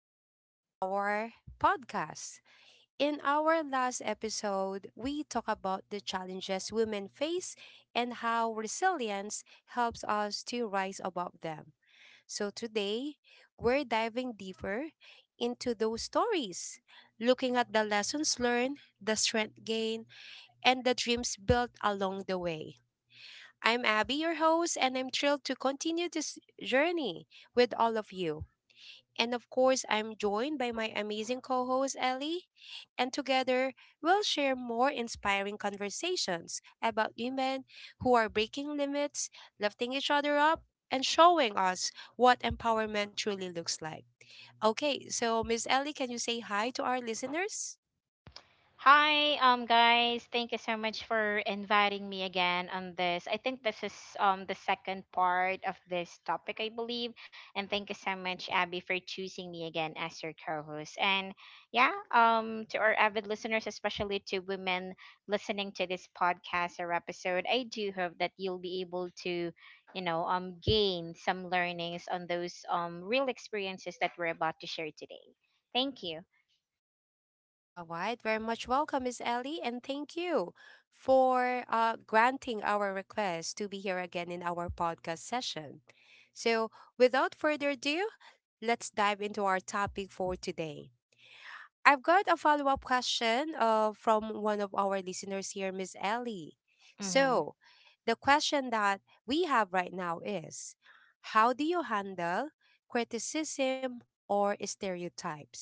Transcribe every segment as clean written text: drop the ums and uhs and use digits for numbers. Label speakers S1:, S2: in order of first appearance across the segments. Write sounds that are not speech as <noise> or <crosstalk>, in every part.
S1: back to our podcast. In our last episode, we talked about the challenges women face and how resilience helps us to rise above them. So today, we're diving deeper into those stories, looking at the lessons learned, the strength gained, and the dreams built along the way. I'm Abby, your host, and I'm thrilled to continue this journey with all of you. And of course, I'm joined by my amazing co host, Ellie. And together, we'll share more inspiring conversations about women who are breaking limits, lifting each other up, and showing us what empowerment truly looks like. Okay, so, Miss Ellie, can you say hi to our listeners?
S2: Hi, guys. Thank you so much for inviting me again on this. I think this is the second part of this topic, I believe. And thank you so much, Abby, for choosing me again as your co-host. And yeah, to our avid listeners, especially to women listening to this podcast or episode, I do hope that you'll be able to, gain some learnings on those real experiences that we're about to share today. Thank you.
S1: All right, very much welcome, Miss Ellie, and thank you for granting our request to be here again in our podcast session. So, without further ado, let's dive into our topic for today. I've got a follow up question from one of our listeners here, Miss Ellie.
S2: Mm-hmm.
S1: So the question that we have right now is, how do you handle criticism or stereotypes?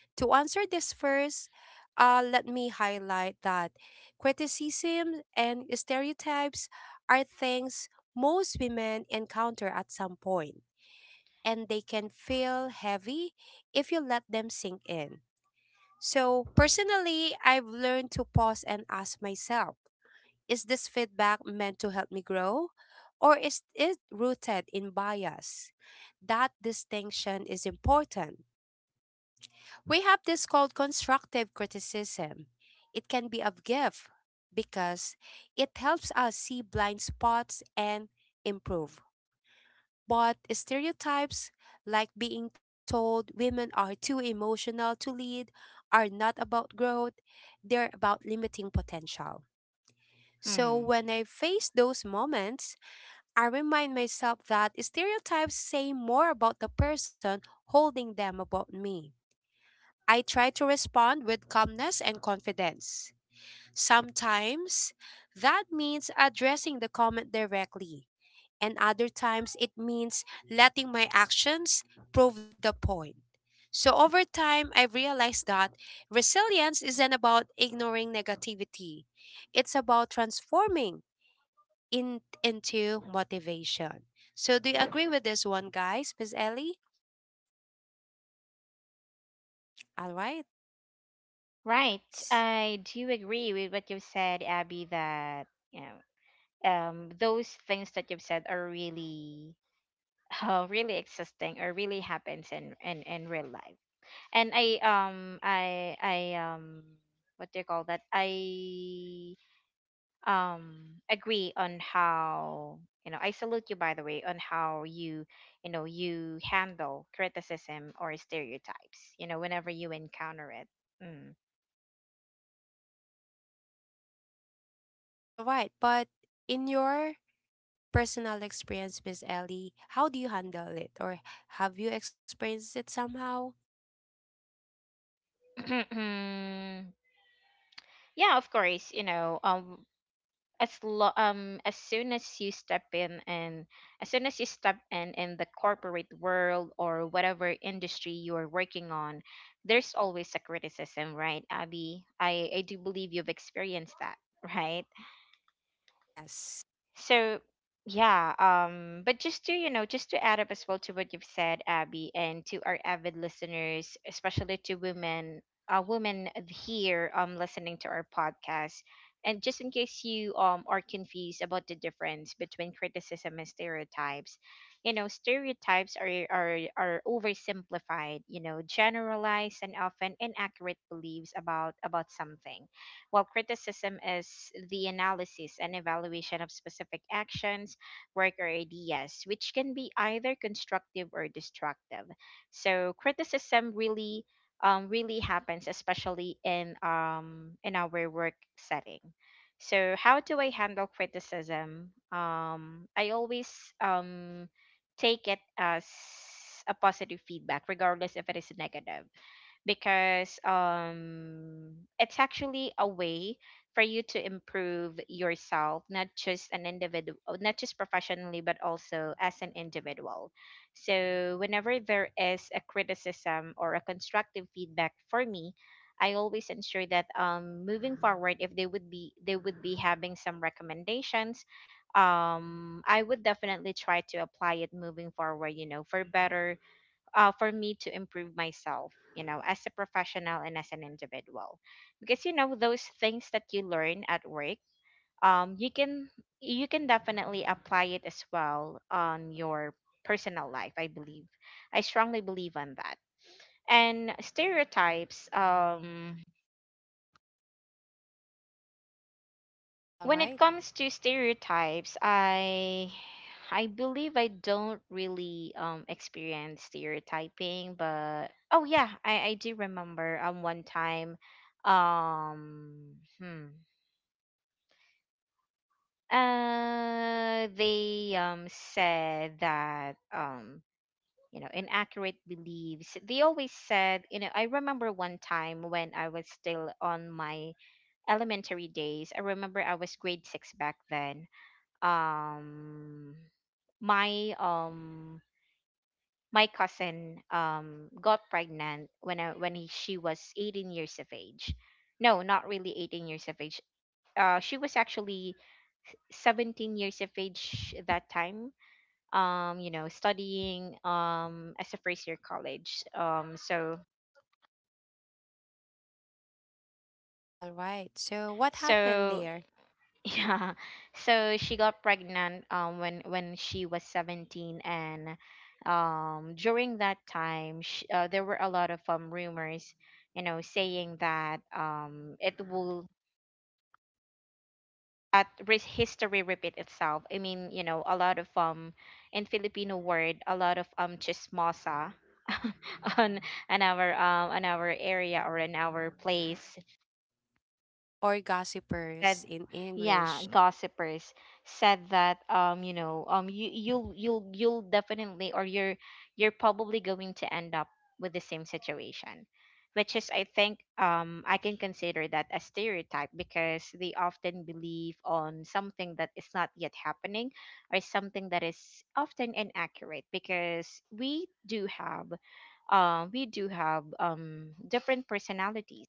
S1: To answer this first, let me highlight that criticism and stereotypes are things most women encounter at some point, and they can feel heavy if you let them sink in. So, personally, I've learned to pause and ask myself, is this feedback meant to help me grow? Or is it rooted in bias? That distinction is important. We have this called constructive criticism. It can be a gift because it helps us see blind spots and improve. But stereotypes, like being told women are too emotional to lead, are not about growth, they're about limiting potential. So
S2: Mm-hmm.
S1: when I face those moments, I remind myself that stereotypes say more about the person holding them about me. I try to respond with calmness and confidence. Sometimes that means addressing the comment directly, and other times it means letting my actions prove the point. So over time, I've realized that resilience isn't about ignoring negativity. It's about transforming into motivation. So do you agree with this one, guys? Miss Ellie? All right.
S2: Right. I do agree with what you've said, Abby, that, you know, those things that you've said are really <laughs> really existing or really happens in real life. And I what do you call that? I agree on how, you know, I salute you by the way on how you, you know, you handle criticism or stereotypes, you know, whenever you encounter it.
S1: All right. But in your personal experience, Miss Ellie, how do you handle it? Or have you experienced it somehow?
S2: Mm. <clears throat> Yeah, of course, you know, as soon as you step in and as soon as you step in the corporate world or whatever industry you're working on, there's always a criticism, right, Abby? I do believe you've experienced that. <laughs> Right.
S1: Yes.
S2: So yeah, but just to, you know, just to add up as well to what you've said, Abby, and to our avid listeners, especially to women, women here listening to our podcast, and just in case you are confused about the difference between criticism and stereotypes, you know, stereotypes are oversimplified, you know, generalized and often inaccurate beliefs about something, while criticism is the analysis and evaluation of specific actions, work, or ideas, which can be either constructive or destructive. So criticism really, really happens, especially in our work setting. So how do I handle criticism? I always, um, take it as a positive feedback, regardless if it is negative, because it's actually a way for you to improve yourself, not just an individual, not just professionally but also as an individual. So whenever there is a criticism or a constructive feedback for me, I always ensure that moving forward, if they would be having some recommendations, I would definitely try to apply it moving forward, you know, for better, for me to improve myself, you know, as a professional and as an individual. Because, you know, those things that you learn at work, you can, you can definitely apply it as well on your personal life. I believe, I strongly believe on that. And stereotypes,
S1: All
S2: when
S1: right.
S2: it comes to stereotypes, I believe I don't really experience stereotyping, but oh yeah, I do remember one time, um hmm they said that, you know, inaccurate beliefs they always said, you know. I remember one time when I was still on my elementary days, I remember I was grade 6 back then. um my um my cousin got pregnant when I, when he, she was 18 years of age. No, not really 18 years of age, she was actually 17 years of age that time, you know, studying as a first year college, um so
S1: All right. So, what happened
S2: so
S1: there?
S2: yeah. <laughs> So she got pregnant when she was 17, and during that time, sh there were a lot of rumors, you know, saying that it will that re- history repeat itself. I mean, you know, a lot of, in Filipino word, a lot of chismosa <laughs> on on our area or in our place,
S1: Or
S2: said,
S1: gossipers in
S2: yeah,
S1: English.
S2: gossipers, said that, you know, you you'll definitely, or you're probably going to end up with the same situation, which is, I think, I can consider that a stereotype because they often believe on something that is not yet happening, or something that is often inaccurate, because we do have, we do have, different personalities.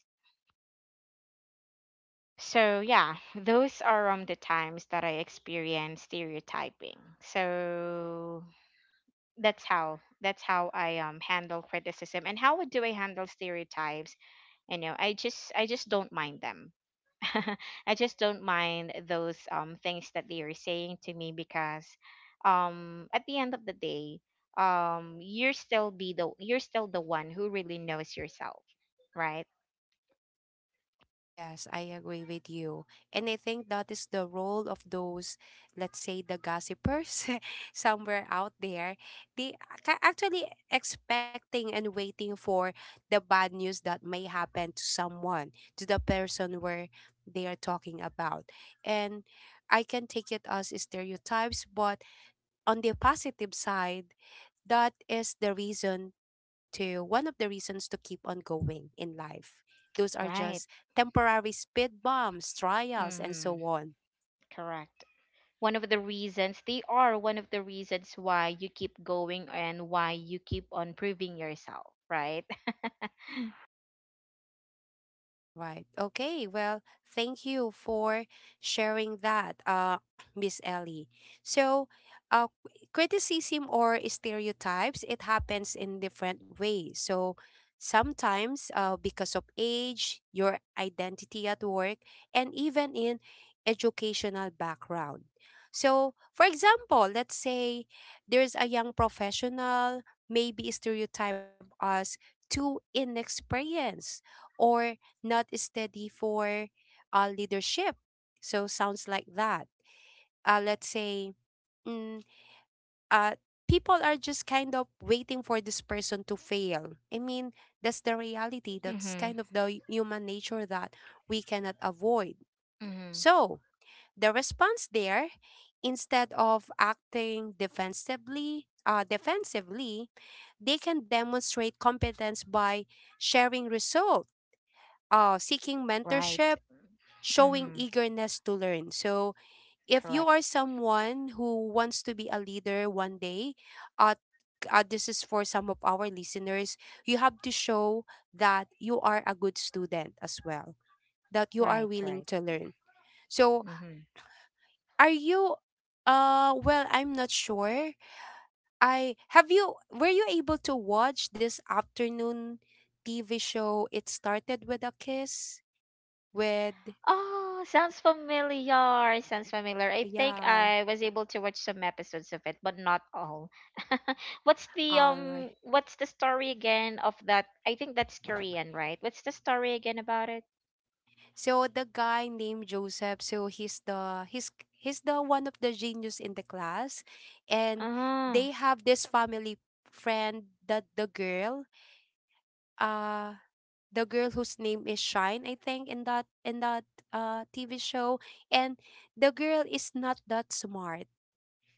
S2: So yeah, those are the times that I experience stereotyping. So that's how I handle criticism. And how do I handle stereotypes? You know, I just don't mind them. <laughs> I just don't mind those things that they are saying to me because, at the end of the day, you're still the one who really knows yourself, right?
S1: Yes, I agree with you. And I think that is the role of those, let's say, the gossipers <laughs> somewhere out there. They are actually expecting and waiting for the bad news that may happen to someone, to the person where they are talking about. And I can take it as stereotypes, but on the positive side, that is the reason to one of the reasons to keep on going in life. Those are just
S2: Right.
S1: temporary speed bumps, trials, and so
S2: Mm-hmm.
S1: on.
S2: Correct. One of the reasons, they are one of the reasons why you keep going and why you keep on proving yourself right.
S1: All right. Okay. Well, thank you for sharing that, <clears throat> Miss Ellie. So, uh, criticism or stereotypes, it happens in different ways. So sometimes because of age, your identity at work, and even in educational background. So, for example, let's say there's a young professional, maybe stereotype as too inexperienced or not steady for leadership. So sounds like that. Let's say, mm, uh, people are just kind of waiting for this person to fail. I mean, that's the reality.
S2: <laughs>
S1: That's
S2: Mm-hmm.
S1: kind of the human nature that we cannot avoid.
S2: Mm-hmm.
S1: So the response there, instead of acting defensively, they can demonstrate competence by sharing results, seeking
S2: Right.
S1: mentorship, showing
S2: Mm-hmm.
S1: eagerness to learn. So, if you are
S2: Correct.
S1: someone who wants to be a leader one day, uh, this is for some of our listeners, you have to show that you are a good student as well, that you are
S2: Right,
S1: willing
S2: right.
S1: to learn. So,
S2: Mm-hmm.
S1: are you well, I'm not sure. I have you were you able to watch this afternoon TV show, It Started with a Kiss with,
S2: Oh, sounds familiar, sounds familiar. I think
S1: yeah,
S2: I was able to watch some episodes of it, but not all. <laughs> What's the
S1: all right.
S2: what's the story again of that? I think that's Korean, right? What's the story again about it?
S1: So the guy named Joseph, so he's the one of the genius in the class, and
S2: Uh-huh.
S1: they have this family friend that the girl, uh the girl whose name is Shine, I think, in that TV show. And the girl is not that smart,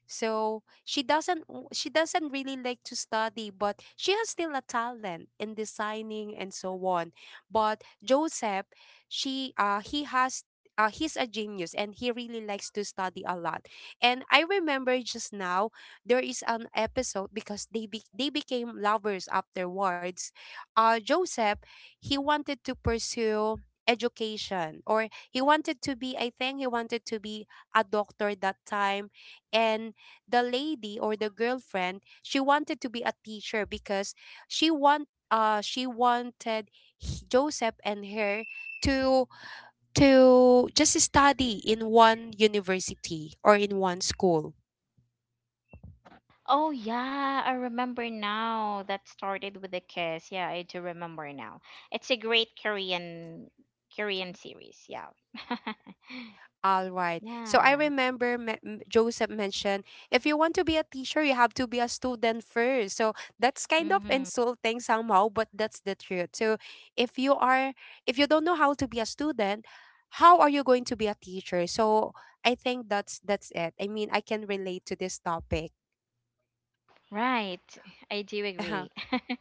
S1: so she doesn't w- she doesn't really like to study, but she has still a talent in designing and so on. But Joseph, she he has, he's a genius and he really likes to study a lot. And I remember just now there is an episode because they became lovers afterwards. Uh, Joseph, he wanted to pursue education, or he wanted to be, I think he wanted to be a doctor that time. And the lady or the girlfriend, she wanted to be a teacher because she wanted Joseph and her to just study in one university or in one school.
S2: Oh yeah, I remember now. That started with a kiss. Yeah, I do remember now. It's a great Korean series. Yeah. <laughs>
S1: All right. So I
S2: Yeah.
S1: remember Joseph mentioned, if you want to be a teacher, you have to be a student first. So that's kind of
S2: Hmm.
S1: insulting somehow, but that's the truth. So if you are, if you don't know how to be a student, how are you going to be a teacher? So I think that's it. I mean, I can relate to this topic.
S2: Right. I do
S1: <laughs> Oh,
S2: agree.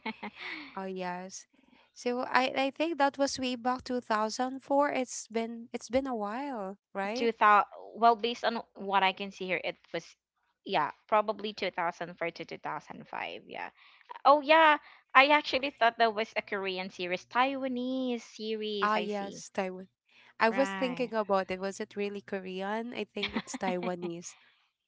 S2: <laughs>
S1: yes. So I think that was way back 2004. It's been a while, right?
S2: 2000, well, based on what I can see here it was, yeah, probably 2004 to 2005. Yeah. Oh yeah, I actually thought that was a Korean series, Taiwanese series,
S1: Ah,
S2: I see.
S1: yes, Taiwan. I was thinking
S2: Right.
S1: about it. Was it really Korean? I think it's
S2: <laughs>
S1: Taiwanese.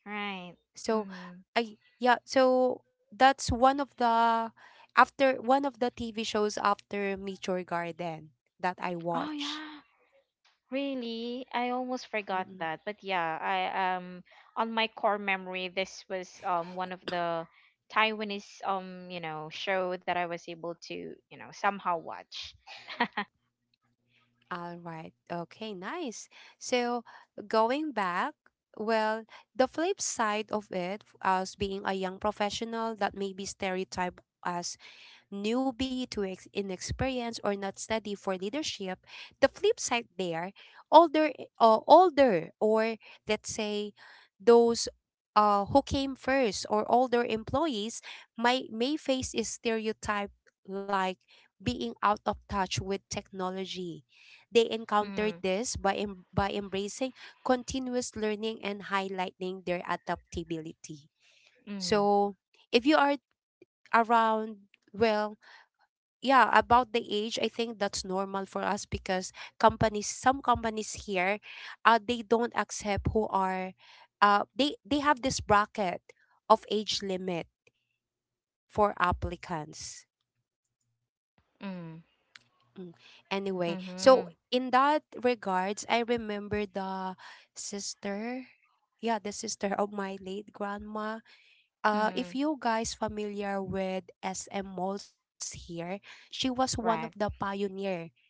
S2: Right.
S1: So,
S2: Mhm.
S1: I, yeah. So that's one of the, after one of the TV shows after Meteor Garden that I
S2: Oh
S1: watch.
S2: yeah, really? I almost forgot
S1: Mm-mm.
S2: that. But yeah, I on my core memory, this was one of the Taiwanese, you know, show that I was able to, you know, somehow watch.
S1: All right. Okay. Nice. So going back. Well, the flip side of it, as being a young professional that may be stereotyped as newbie to inexperienced or not steady for leadership, the flip side there, older, older, or let's say those who came first, or older employees might may face a stereotype like being out of touch with technology. They encountered
S2: Mm,
S1: this by by embracing continuous learning and highlighting their adaptability.
S2: mm,
S1: So if you are around, well, yeah, about the age, I think that's normal for us because companies, some companies here, they don't accept who are, they have this bracket of age limit for applicants.
S2: mm,
S1: Mm. Anyway, so
S2: mm-hmm,
S1: in that regards, I remember the sister, yeah, the sister of my late grandma.
S2: mm-hmm.
S1: If you guys familiar with SM malls here, she was one of the
S2: Right.
S1: pioneer,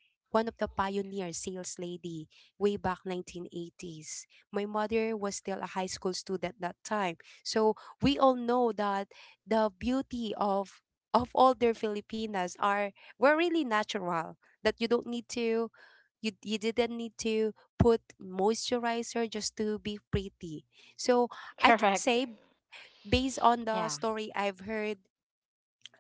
S1: one of the pioneer sales lady way back 1980s. My mother was still a high school student that time. So we all know that the beauty of older Filipinas are, were really natural, that you don't need to, you didn't need to put moisturizer just to be pretty. So
S2: <laughs>
S1: I can
S2: Correct.
S1: say, based on the
S2: Yeah.
S1: story I've heard,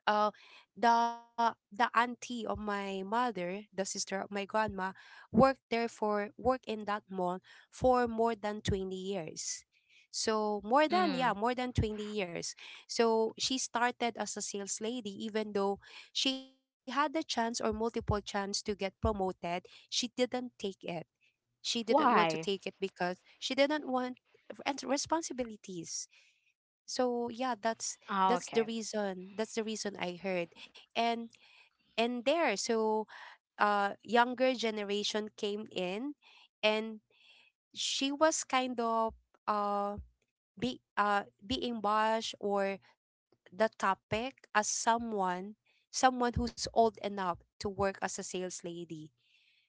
S1: uh the auntie of my mother, the sister of my grandma, worked there for, worked in that mall for more than 20 years. So more than, yeah,
S2: Mm.
S1: more than 20 years. So she started as a sales lady even though she had the chance or multiple chance to get promoted, she didn't take it. She didn't want to take
S2: Why?
S1: it because she didn't want and responsibilities. So yeah,
S2: Oh,
S1: that's the
S2: okay.
S1: reason, that's the reason I heard. And there, so younger generation came in, and she was kind of, uh be being bashed, or the topic as someone, who's old enough to work as a sales lady.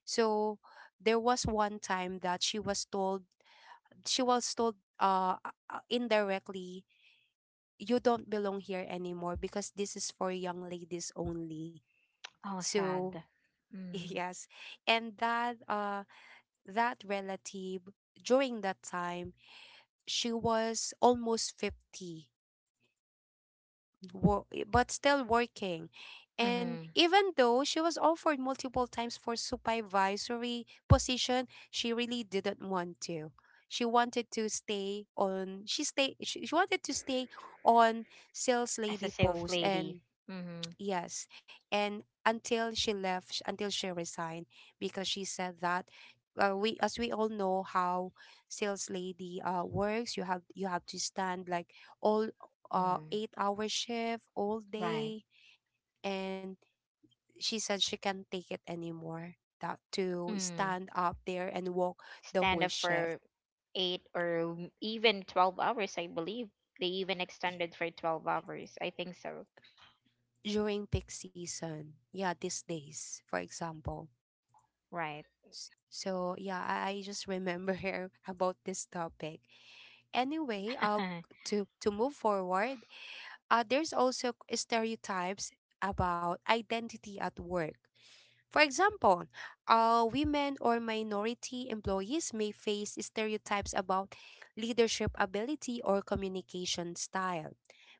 S1: So there was one time that she was told, she was told uh indirectly, you don't belong here anymore because this is for young ladies only.
S2: Oh,
S1: So
S2: sad.
S1: <laughs>
S2: Mm,
S1: yes. And that that relative during that time, she was almost 50, but still working, and
S2: mm-hmm.
S1: even though she was offered multiple times for supervisory position, she really didn't want to. She wanted to stay on, she wanted to stay on sales
S2: As a
S1: lady
S2: sales
S1: post. And
S2: lady. Mm-hmm,
S1: yes. And until she left, until she resigned, because she said that, we, as we all know how sales lady works, you have, you have to stand like all
S2: mm-hmm.
S1: 8 hour shift all
S2: Right.
S1: day. And she said she can't take it anymore. That to
S2: Mm.
S1: stand up there and walk the
S2: Stand
S1: whole
S2: up
S1: shift
S2: for eight or even 12 hours, I believe. They even extended for 12 hours, I think so.
S1: during peak season. Yeah, these days, for example.
S2: Right.
S1: So yeah, I just remember <laughs> her about this topic. Anyway,
S2: <laughs>
S1: to move forward, there's also stereotypes about identity at work. For example, women or minority employees may face stereotypes about leadership ability or communication style.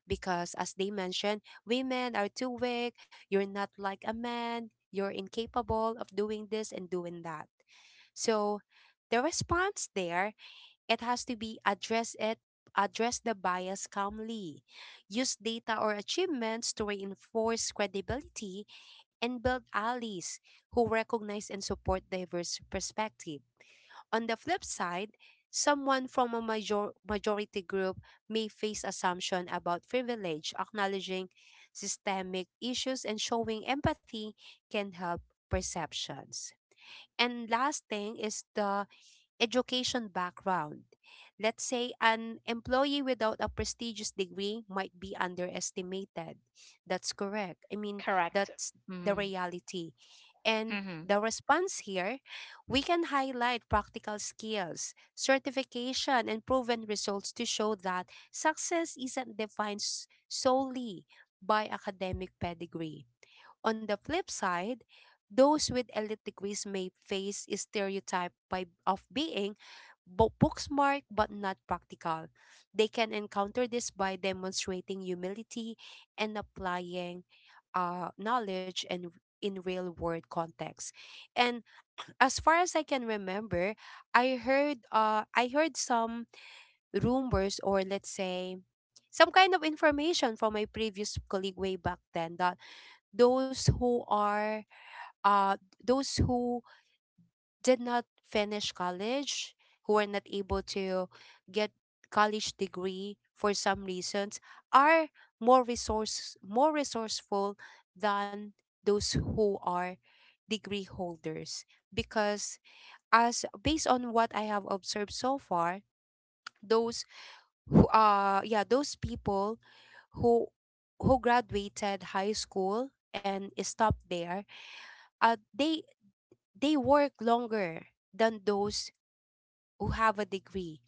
S1: Because, as they mentioned, women are too weak, you're not like a man, you're incapable of doing this and doing that. So, the response there, it has to be address the bias calmly, use data or achievements to reinforce credibility, and build allies who recognize and support diverse perspective. On the flip side, someone from a majority group may face assumption about privilege. Acknowledging systemic issues and showing empathy can help perceptions. And last thing is the education background. Let's say an employee without a prestigious degree might be underestimated. That's correct. I mean,
S2: Correct.
S1: that's the
S2: Mm.
S1: reality. And
S2: Mm-hmm.
S1: the response here, we can highlight practical skills, certification, and proven results to show that success isn't defined solely by academic pedigree. On the flip side, those with elite degrees may face a stereotype of being book smart but not practical. They can encounter this by demonstrating humility and applying knowledge and in real world context. And <clears throat> as far as I can remember, I heard some rumors, or let's say some kind of information from my previous colleague way back then, that those who are uh those who did not finish college, who are not able to get college degree for some reasons, are more resourceful than those who are degree holders, because as based on what I have observed so far, those those people who who graduated high school and stopped there. uh, they they work longer than those who have a degree.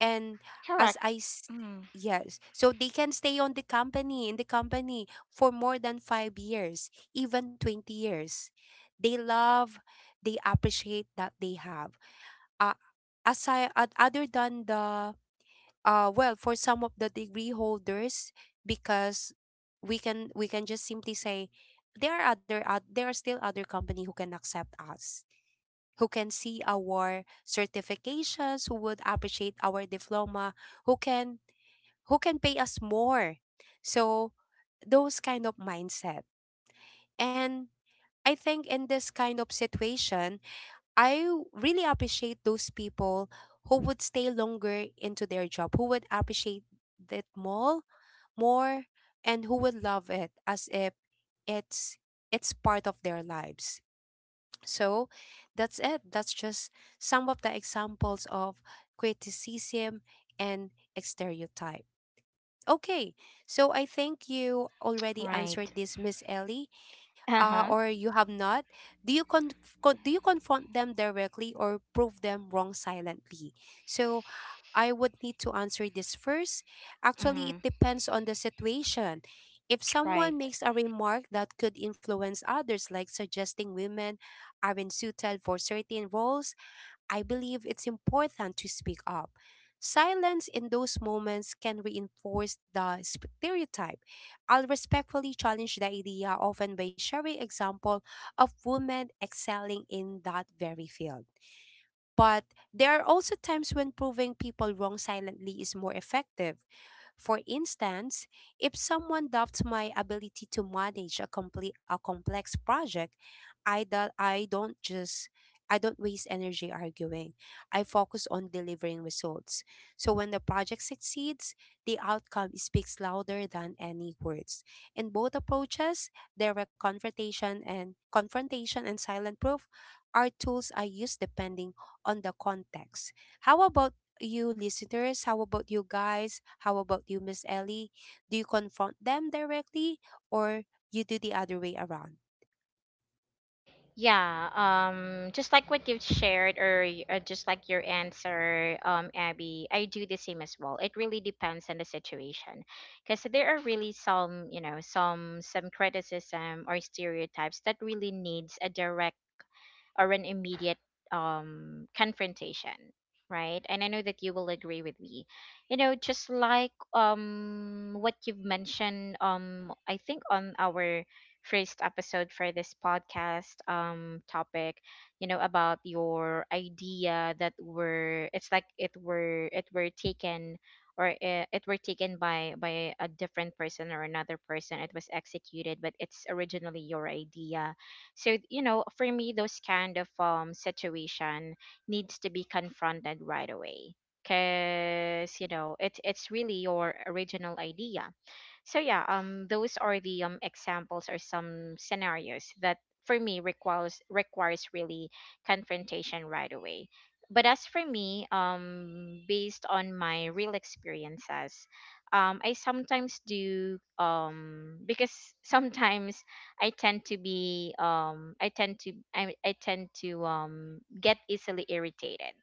S1: And as i
S2: Correct.
S1: s-
S2: Mm.
S1: yes, so they can stay on the company in the company for more than 5 years, even 20 years. they love they appreciate that they have, uh, aside other than the, well, for some of the degree holders, because we can just simply say there are other there are still other company who can accept us, who can see our certifications, who would appreciate our diploma, who can who can pay us more. So those kind of mindset. And I think in this kind of situation, I really appreciate those people who would stay longer into their job, who would appreciate it more, more and who would love it as if it's it's part of their lives. So that's it. That's just some of the examples of criticism and stereotype. Okay, so I think you already answered
S2: Right.
S1: this, Miss Ellie,
S2: Uh-huh.
S1: or you have not. do you con- do you confront them directly or prove them wrong silently? So I would need to answer this first. Actually, it
S2: Mm.
S1: depends on the situation. If someone
S2: Right.
S1: makes a remark that could influence others, like suggesting women aren't suited for certain roles, I believe it's important to speak up. Silence in those moments can reinforce the stereotype. I'll respectfully challenge the idea, often by sharing example of women excelling in that very field. But there are also times when proving people wrong silently is more effective. For instance, if someone doubts my ability to manage a complex project, I do, I don't just I don't waste energy arguing. I focus on delivering results. So when the project succeeds, the outcome speaks louder than any words. In both approaches, there were confrontation and silent proof are tools I use depending on the context. How about you listeners? How about you guys? How about you, Miss Ellie? Do you confront them directly, or you do the other way around?
S2: Yeah. Just like what you've shared, just like your answer, Abby, I do the same as well. It really depends on the situation, because there are really some, you know, some criticism or stereotypes that really needs a direct or an immediate, confrontation, right? And I know that you will agree with me. You know, just like, what you've mentioned, I think on our first episode for this podcast, topic, you know, about your idea that were it's like it were taken, or, it were taken by a different person or another person, it was executed, but it's originally your idea. So, you know, for me, those kind of situation needs to be confronted right away, because, you know, it's really your original idea. So yeah, those are the examples or some scenarios that, for me, requires really confrontation right away. But as for me, based on my real experiences, I sometimes do, because <laughs> sometimes I tend to be I tend to get easily irritated,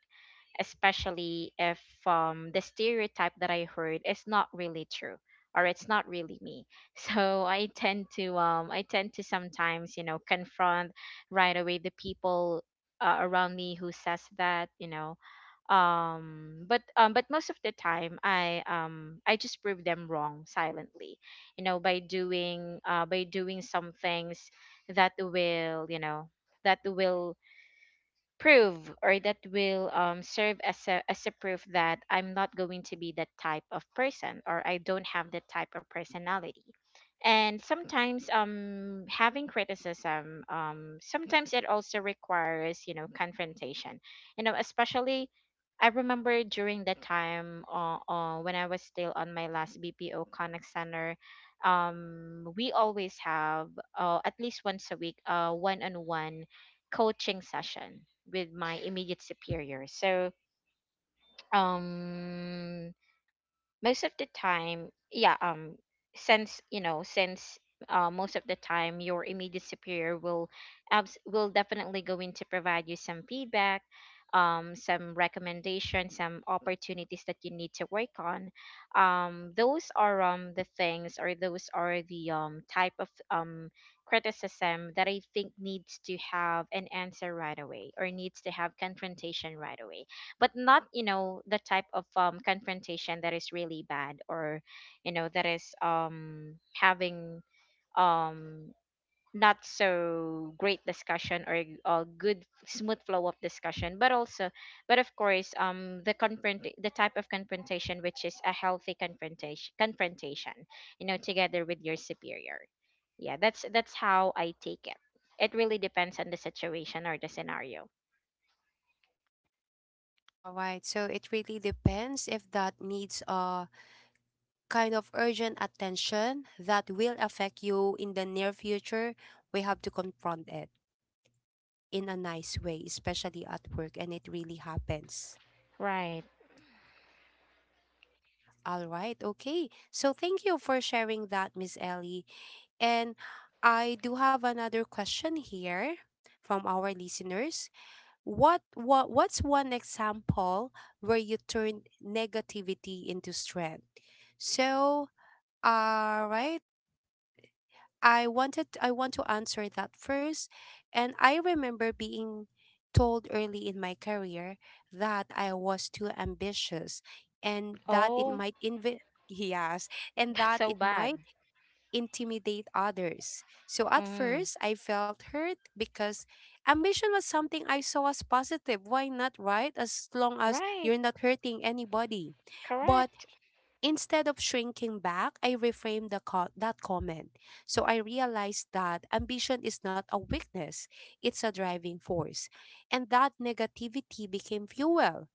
S2: especially if, the stereotype that I heard is not really true, or it's not really me. <laughs> So I tend to sometimes, you know, confront right away the people, around me who says that, you know, but most of the time, I just prove them wrong silently, you know, by doing some things that will, you know, that will prove, or that will, serve as a proof that I'm not going to be that type of person, or I don't have that type of personality. And sometimes, having criticism, sometimes it also requires, you know, confrontation. You know, especially I remember during that time, when I was still on my last BPO Connect Center, we always have, at least once a week, one-on-one coaching session with my immediate superior. So, um, most of the time, yeah, since, you know, since, most of the time your immediate superior will, will definitely going to provide you some feedback, some recommendations, some opportunities that you need to work on. Those are the things, or those are the type of criticism that I think needs to have an answer right away or needs to have confrontation right away. But not, you know, the type of, confrontation that is really bad, or you know that is, having, um not so great discussion, or a good smooth flow of discussion, but also, but of course, the type of confrontation which is a healthy confrontation, you know, together with your superior. Yeah, that's how I take it. It really depends on the situation or the scenario.
S1: All right, so it really depends if that needs a kind of urgent attention that will affect you in the near future. We have to confront it in a nice way, especially at work, and it really happens.
S2: Right.
S1: All right, okay. So thank you for sharing that, Miss Ellie. And I do have another question here from our listeners. What's one example where you turned negativity into strength? So, all right, I want to answer that first. And I remember being told early in my career that I was too ambitious and that it
S2: Oh.
S1: might <laughs> yes,
S2: <laughs>
S1: and
S2: That's
S1: that
S2: so
S1: it
S2: bad.
S1: might intimidate others. So at
S2: Mm,
S1: first, I felt hurt because ambition was something I saw as positive. Why not, right? As long as
S2: right,
S1: you're not hurting anybody. But
S2: correct.
S1: instead of shrinking back, I reframed that comment. So I realized that ambition is not a weakness, it's a driving force. And that negativity became fuel.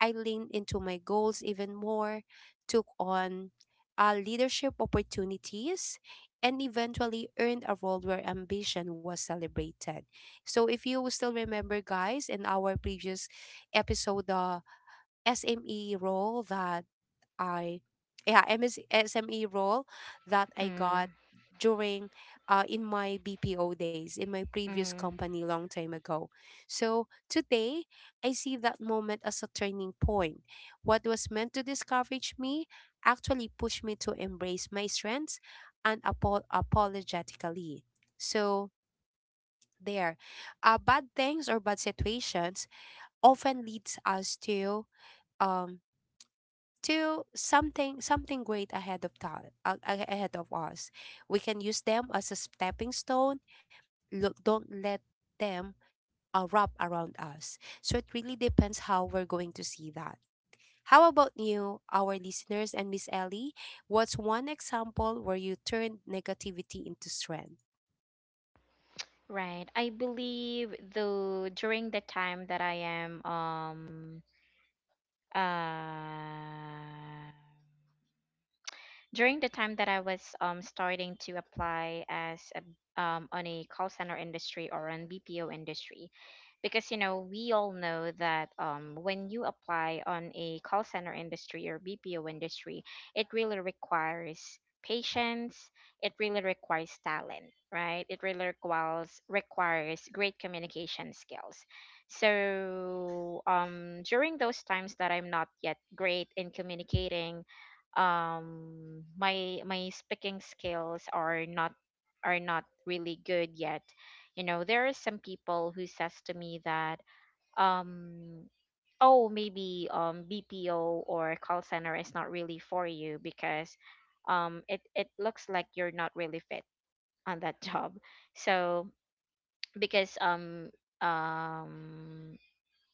S1: I leaned into my goals even more, took on leadership opportunities, and eventually earned a role where ambition was celebrated. So, if you still remember, guys, in our previous episode, the SME role that I yeah MS, SME role that I
S2: Mm,
S1: got during in my BPO days in my previous
S2: mm,
S1: company long time ago. So today I see that moment as a turning point. What was meant to discourage me actually pushed me to embrace my strengths and apologetically. So there, bad things or bad situations often leads us to um something great, ahead of us. We can use them as a stepping stone. Look, don't let them wrap around us. So it really depends how we're going to see that. How about you, our listeners, and Miss Ellie? What's one example where you turned negativity into strength?
S2: right. I believe though during the time that I am uh during the time that I was starting to apply as a on a call center industry or on BPO industry. Because you know, we all know that when you apply on a call center industry or BPO industry, it really requires patience, it really requires talent, right? It really requires great communication skills. So during those times that I'm not yet great in communicating, my speaking skills are not really good yet. You know, there are some people who says to me that um oh, maybe BPO or call center is not really for you because it looks like you're not really fit on that <laughs> job. So because um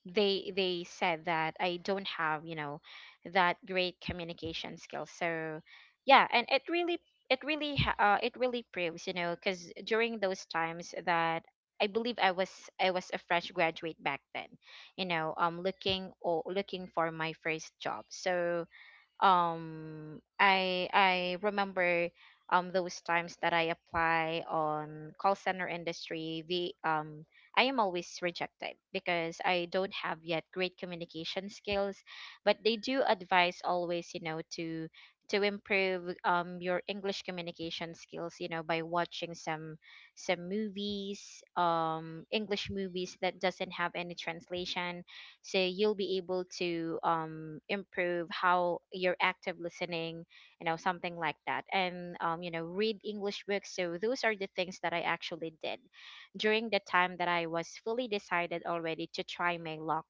S2: they said that I don't have, you know, that great communication skills. So yeah, and it really it really proves, you know, because during those times that I believe I was I was a fresh graduate back then, you know, looking for my first job. So I remember those times that I apply on call center industry, the I am always rejected because I don't have yet great communication skills. But they do advise always, you know, to improve your English communication skills, you know, by watching some movies, English movies that doesn't have any translation, so you'll be able to improve how your active listening, you know, something like that. And you know, read English books. So those are the things that I actually did during the time that I was fully decided already to try my luck,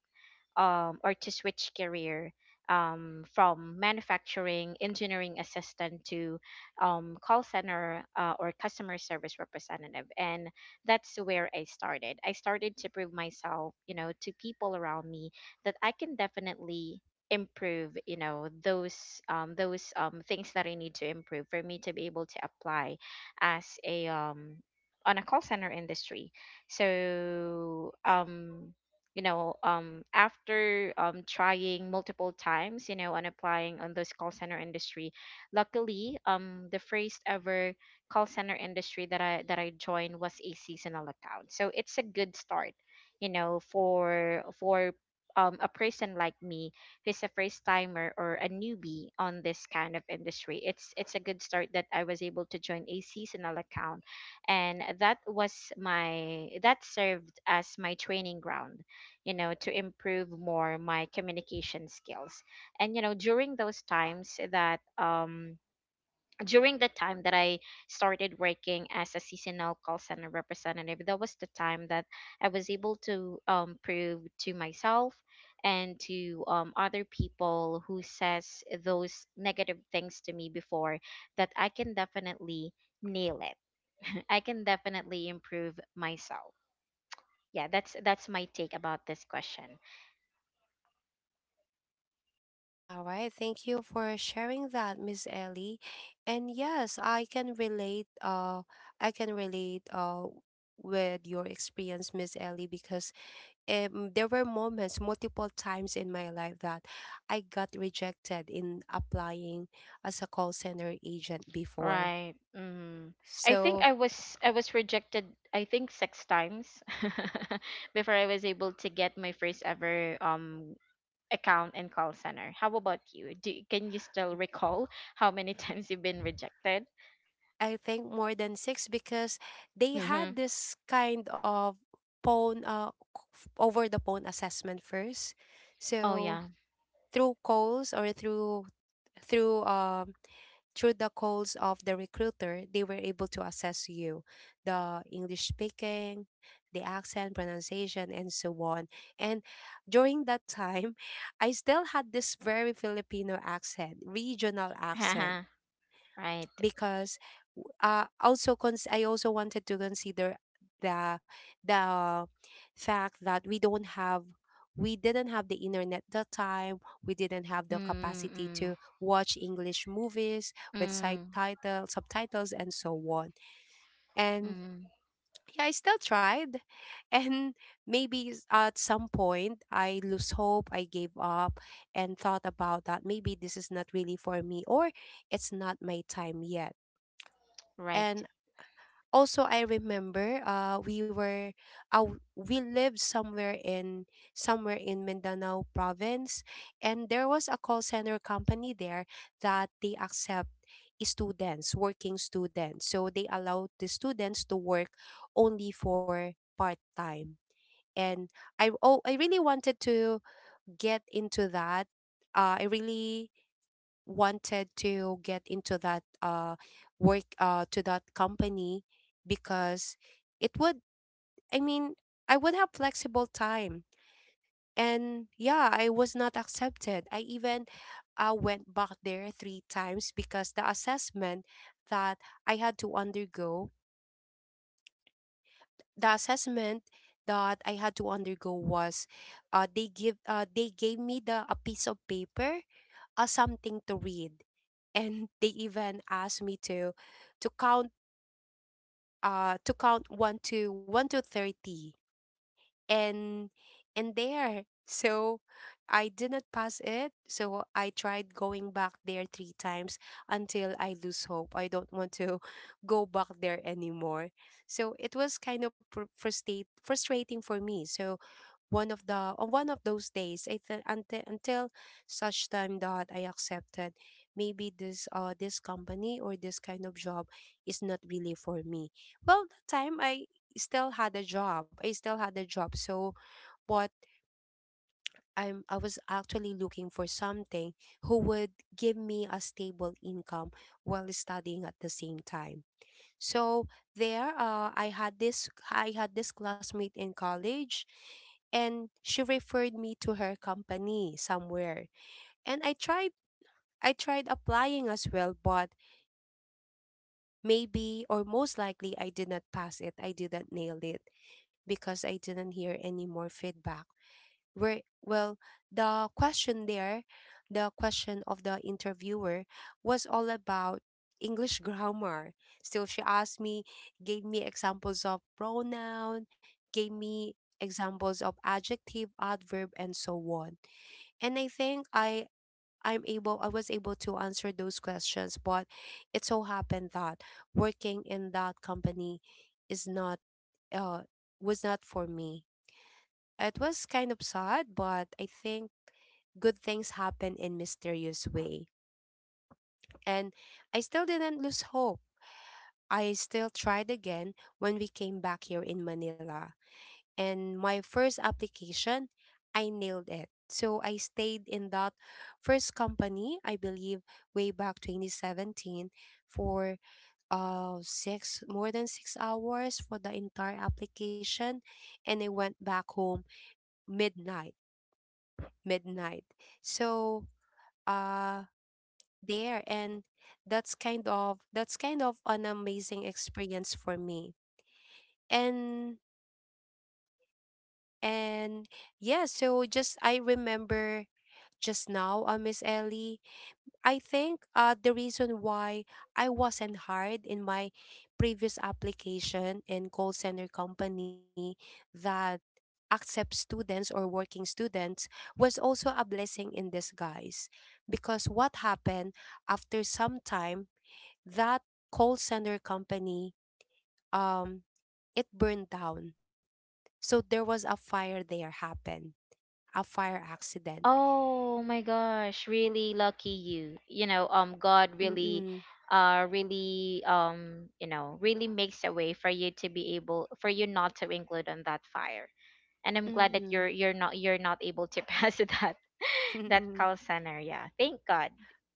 S2: or to switch career, from manufacturing engineering assistant to call center or customer service representative. And that's where I started. I started to prove myself, you know, to people around me that I can definitely improve, you know, those things that I need to improve for me to be able to apply as a on a call center industry. So you know, after trying multiple times, you know, and applying on this call center industry, luckily the first ever call center industry that I joined was a seasonal account, so it's a good start, you know, for a person like me who's a first timer or a newbie on this kind of industry. It's a good start that I was able to join a seasonal account, and that served as my training ground, you know, to improve more my communication skills. And you know, during those times that, during the time that I started working as a seasonal call center representative, that was the time that I was able to prove to myself and to other people who says those negative things to me before, that I can definitely nail it. I can definitely improve myself. Yeah, that's my take about this question.
S1: All right, thank you for sharing that, Miss Ellie. And yes, I can relate with your experience, Miss Ellie, because there were moments multiple times in my life that I got rejected in applying as a call center agent before.
S2: Right. Mm. I think
S1: So
S2: I was rejected, I think, six times <laughs> before I was able to get my first ever account in call center. How about you? Do Can you still recall how many <laughs> times you've been rejected?
S1: I think more than six because they
S2: Mm-hmm.
S1: had this kind of phone uh over the phone assessment first.
S2: Oh
S1: So
S2: yeah.
S1: through calls, or through um through the calls of the recruiter, they were able to assess you, the English speaking, the accent, pronunciation, and so on. And during that time <laughs> I still had this very Filipino accent, regional
S2: <laughs>
S1: accent.
S2: Haha. Right.
S1: Because I also wanted to consider the the fact that we didn't have the internet that time, we didn't have the
S2: Mm
S1: capacity to
S2: mm.
S1: watch English movies with side
S2: Mm
S1: title subtitles and so on. And
S2: mm.
S1: yeah, I still tried <laughs> and maybe at some point I lose hope, I gave up, and thought about that maybe this is not really for me, or it's not my time yet.
S2: Right.
S1: And also I remember, uh, we lived somewhere in Mindanao province, and there was a call center company there that they accept students working students, so they allowed the students to work only for part time. And I really wanted to get into that I really wanted to get into that work to that company. Because it would, I mean, I would have flexible time. And yeah, I was not accepted. I even went back there three times because that I had to undergo the assessment that I had to undergo was, they gave me the a piece of paper, something to read. And they even asked me to count, one to 30. And there, so I did not pass it. So I tried going back there three times, until I lose hope, I don't want to <laughs> go back there anymore. So it was kind of frustrating for me. So, one of the on one of those days I until such time that I accepted maybe this company or this kind of job is not really for me. Well, that time I still had a job. I still had a job. So what I'm I was actually looking for something who would give me a stable income while studying at the same time. So there, I had this classmate in college, and she referred me to her company somewhere, and I tried. I tried applying as well, but maybe or most likely I did not pass it. I didn't nail it because I didn't hear any more feedback. Where, well, the question there, the question of the interviewer was all about English <laughs> grammar. So she asked me, gave me examples of pronoun, gave me examples of adjective, adverb, and so on. And I think I was able to answer those questions, but it so happened that working in that company is not uh was not for me. It was kind of sad, but I think good things happen in mysterious way. And I still didn't lose hope. I still tried again when we came back here in Manila. And my first application, I nailed it. So I stayed in that first company, I believe way back 2017 for uh 6 more than 6 hours for the entire application, and I went back home midnight midnight. So uh there, and that's kind of an amazing experience for me. And and yeah, so just I remember just now, Miss Ellie. I think the reason why I wasn't hired in my previous application and call center company that accepts students or working students was also a blessing in disguise. Because what happened after some time, that call center company, um, it burned down. So there was a fire there happen, a fire accident.
S2: Oh my gosh, really lucky you. You know, God really
S1: Mm-mm,
S2: really you know, really makes a way for you to be able for you not to include on that fire. And I'm glad that
S1: mm-mm.
S2: you're not able to <laughs> pass that that call
S1: <laughs>
S2: center. Yeah. Thank God.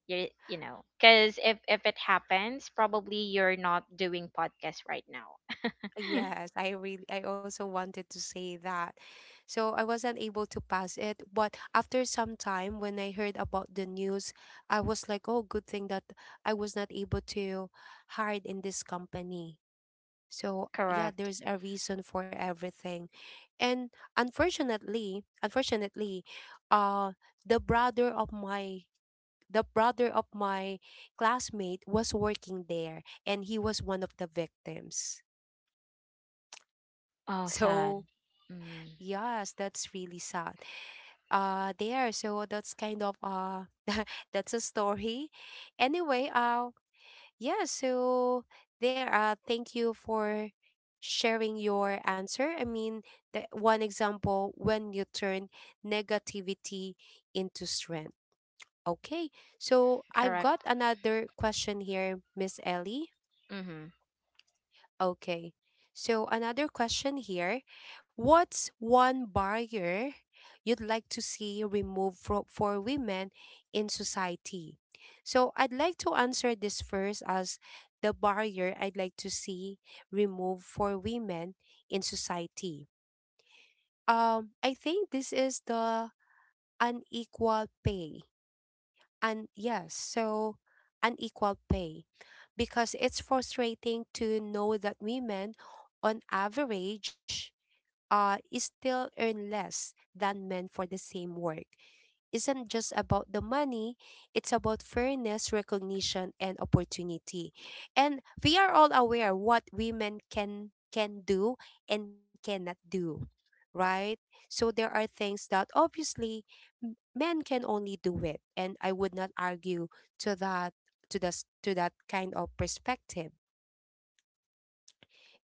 S2: You know, cuz if it happens, probably you're not doing podcast right now.
S1: Yes, I really I also wanted to say that. So I wasn't able to pass it, but after some time when I heard about the news, I was like, "Oh, good thing that I was not able to hide in this company." So, yeah,
S2: Correct.
S1: there's a reason for everything. And unfortunately, uh the brother of my the brother of my classmate was working there and he was one of the victims. <laughs>
S2: Oh, sad.
S1: So,
S2: Mm,
S1: yes, that's really sad. There, so that's kind of <laughs> that's a story. Anyway, yeah, so there thank you for sharing your answer. I mean, the one example when you turn negativity into strength. Okay. So I've got
S2: correct.
S1: another question here, Miss Ellie.
S2: Mhm.
S1: Okay. So another question here. What's one barrier you'd like to see removed for women in society? So I'd like to answer this first as the barrier I'd like to see removed for women in society. I think this is the unequal pay. And yes, so unequal pay because it's frustrating to know that women on average is still earn less than men for the same work isn't just about the money, it's about fairness, recognition, and opportunity. And we are all aware what women can do and cannot do, right? So there are things that obviously men can only do it, and I would not argue to that to that kind of perspective.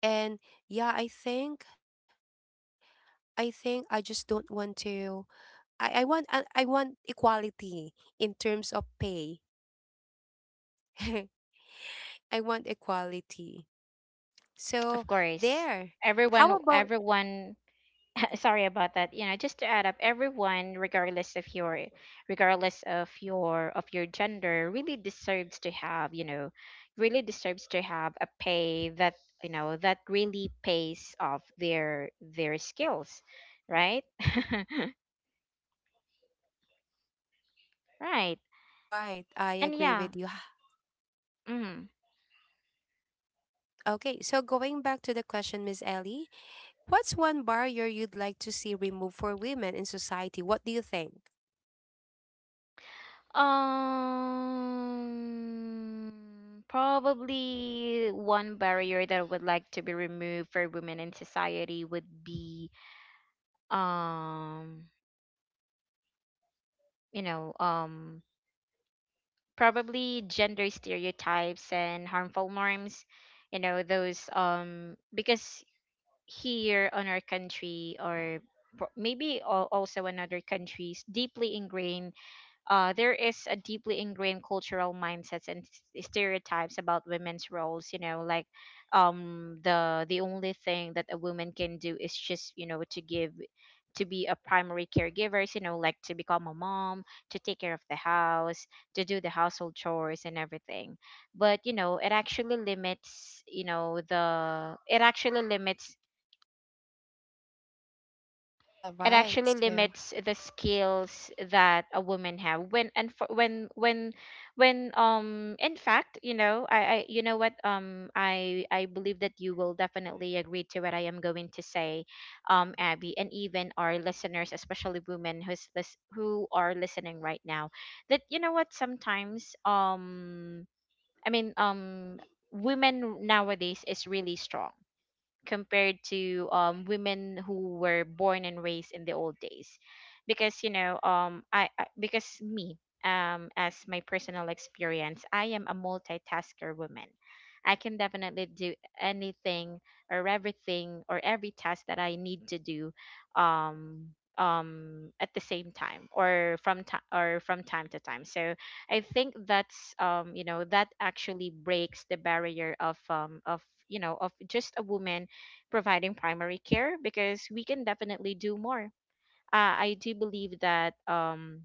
S1: And yeah, I think I just don't want to I want equality in terms of pay. <laughs> I want equality.
S2: Of
S1: So
S2: course.
S1: there. How
S2: Everyone
S1: about
S2: everyone <laughs> sorry about that, you know, just to add up, everyone regardless of your gender really deserves to have, you know, really deserves to have a pay that, you know, that really pays off their skills, right? <laughs> Right,
S1: all right, I
S2: and
S1: agree
S2: yeah.
S1: with you. <sighs> Ha-
S2: Mm.
S1: Okay, so going back to the question, Miss Ellie, what's one barrier you'd like to see removed for women in society? What do you think?
S2: um Probably one barrier that I would like to be removed for women in society would be um you know, um, probably gender stereotypes and harmful norms. You know, those because here on our country or also in other countries, deeply ingrained there is a deeply ingrained cultural mindsets and stereotypes about women's roles. You know, like the only thing that a woman can do is just, you know, to give to be a primary caregiver, you know, like to become a mom, to take care of the house, to do the household chores and everything. But you know, it actually limits, you know, the it actually limits,
S1: All
S2: it
S1: right,
S2: actually
S1: so
S2: limits the skills that a woman have when and for, when in fact, you know, I you know what, I believe that you will definitely agree to what I am going to say, Abby, and even our listeners, especially women who's this who are listening right now. That you know what, sometimes i mean um women nowadays is really strong compared to women who were born and raised in the old days, because you know, I because me, as my personal experience, I am a multitasker woman. I can definitely do anything or everything, or every task that I need to do, um at the same time or from time to time. So I think that's you know, that actually breaks the barrier of you know, of just a woman providing primary care, because we can definitely do more. I do believe that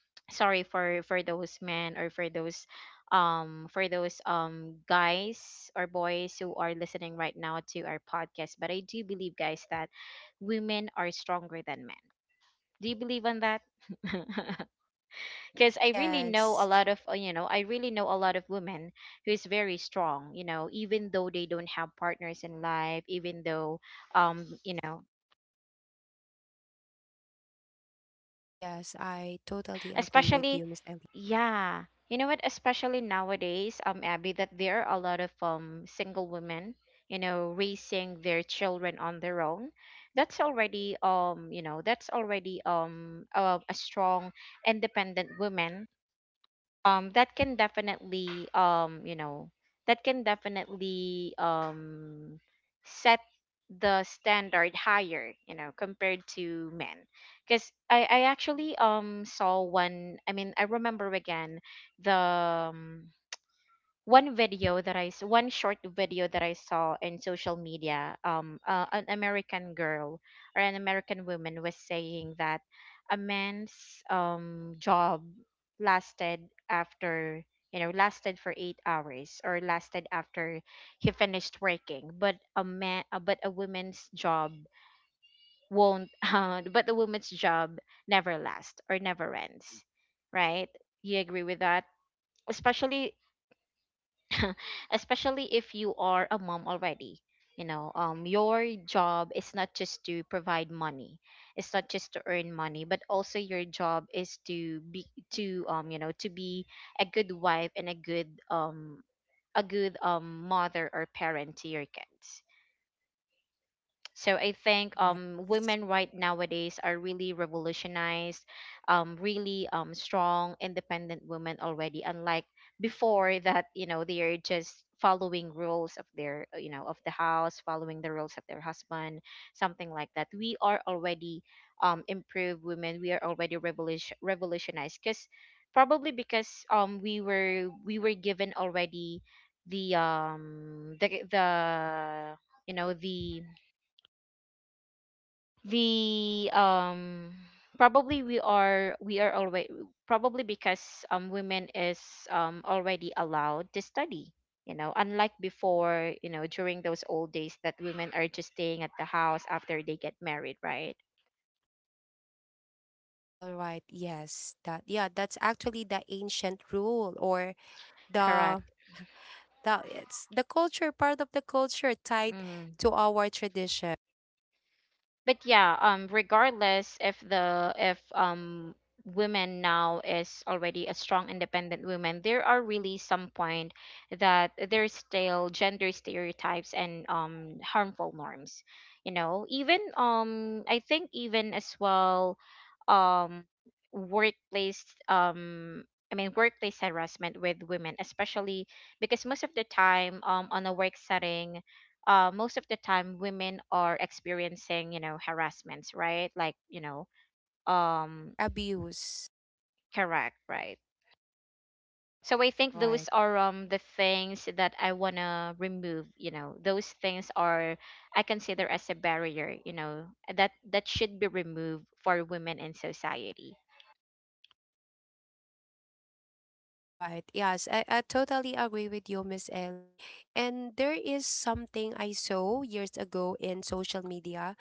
S2: <tsk> sorry for those men or for those guys or boys who are listening right now to our podcast. But I do believe, guys, that women are stronger than men. Do you believe on that? <laughs> because I really know
S1: yes.
S2: a lot of you know, I really know a lot of women who is very strong, you know, even though they don't have partners in life, even though um you know
S1: Yes, I totally agree with
S2: especially,
S1: you, Miss Ellie.
S2: yeah, you know what, especially nowadays, Abby, that there are a lot of single women, you know, raising their children on their own. That's already you know, that's already a strong independent woman that can definitely that can definitely set the standard higher, you know, compared to men. Because I actually saw one I mean, I remember again the one video that one short video that I saw in social media, an American girl or an American woman was saying that a man's job lasted after, you know, lasted for 8 hours or lasted after he finished working. But a woman's job won't <laughs> but a woman's job never lasts or never ends, right? You agree with that? Especially <coughs> <laughs> especially if you are a mom already, you know, your job is not just to provide money. It's not just to earn money, but also your job is to be to you know, to be a good wife and a good mother or parent to your kids. So I think
S1: Yeah.
S2: women right nowadays are really revolutionized, really strong, independent women already. Unlike before that, you know, they are just following rules of their, you know, of the house, following the rules of their husband, something like that. We are already improved women. We are already revolutionized because probably because we were given already the you know, the we probably we are already probably because women is already allowed to study, you know, unlike before, you know, during those old days that women are just staying at the house after they get married, right?
S1: All right. Yes. That yeah, that's actually the ancient rule or the
S2: Correct.
S1: it's the culture part of the culture tied to our tradition.
S2: But yeah, regardless if the if women now is already a strong independent woman, there are really some point that there's still gender stereotypes and harmful norms, you know, even I think even as well, um workplace I mean workplace harassment with women, especially because most of the time on a work setting, most of the time women are experiencing, you know, harassments, right? Like, you know, um
S1: Or abuse.
S2: correct, right. So I
S1: All
S2: think those
S1: right.
S2: are the things that I want to remove, you know, those things are I consider as a barrier, you know, that that should be removed for women in society.
S1: All right. Yes, I totally agree with you, Miss Ellie. And there is something I saw years ago in social media.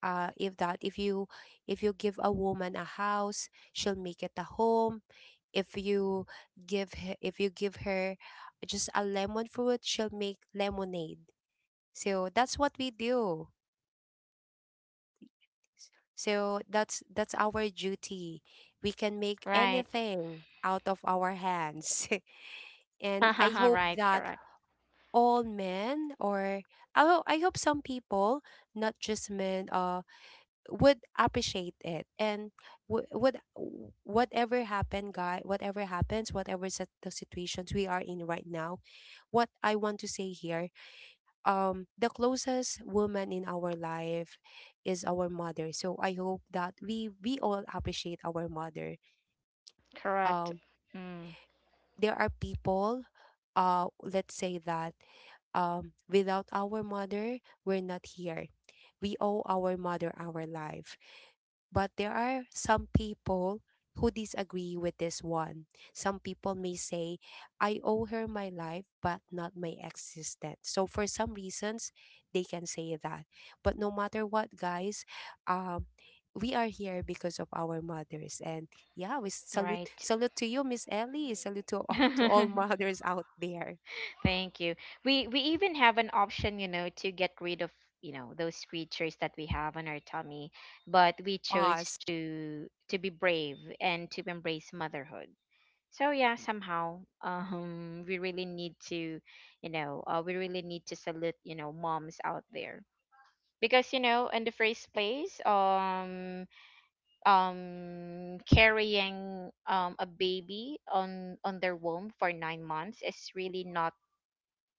S1: If that if you give a woman a house, she'll make it a home. If you give her, if you give her just a lemon fruit, she'll make lemonade. So that's what we do. So that's our duty. We can make
S2: Right.
S1: anything out of our hands. <laughs>
S2: <laughs>
S1: And I hope
S2: Right,
S1: that
S2: correct.
S1: all men or I, ho- I hope some people, not just men, would appreciate it and w- would w- whatever happened guy whatever happens whatever is the situations we are in right now what I want to say here the closest woman in our life is our mother, so I hope that we all appreciate our mother.
S2: Correct.
S1: um
S2: Mm,
S1: there are people let's say that without our mother we're not here, we owe our mother our life. But there are some people who disagree with this one. Some people may say, I owe her my life, but not my existence. So, for some reasons, they can say that. But no matter what, guys, um, we are here because of our mothers. And yeah, we
S2: right.
S1: salute to you, Miss Ellie. Salute to, <laughs> all- to all
S2: <laughs>
S1: mothers out there
S2: Thank you. We even have an option, you know, to get rid of, those creatures that we have on our tummy, but we
S1: of
S2: chose
S1: us.
S2: to be brave and to embrace motherhood. So yeah, somehow we really need to, we really need to salute, moms out there. Because, you know, in the first place, carrying a baby on their womb for 9 months is really not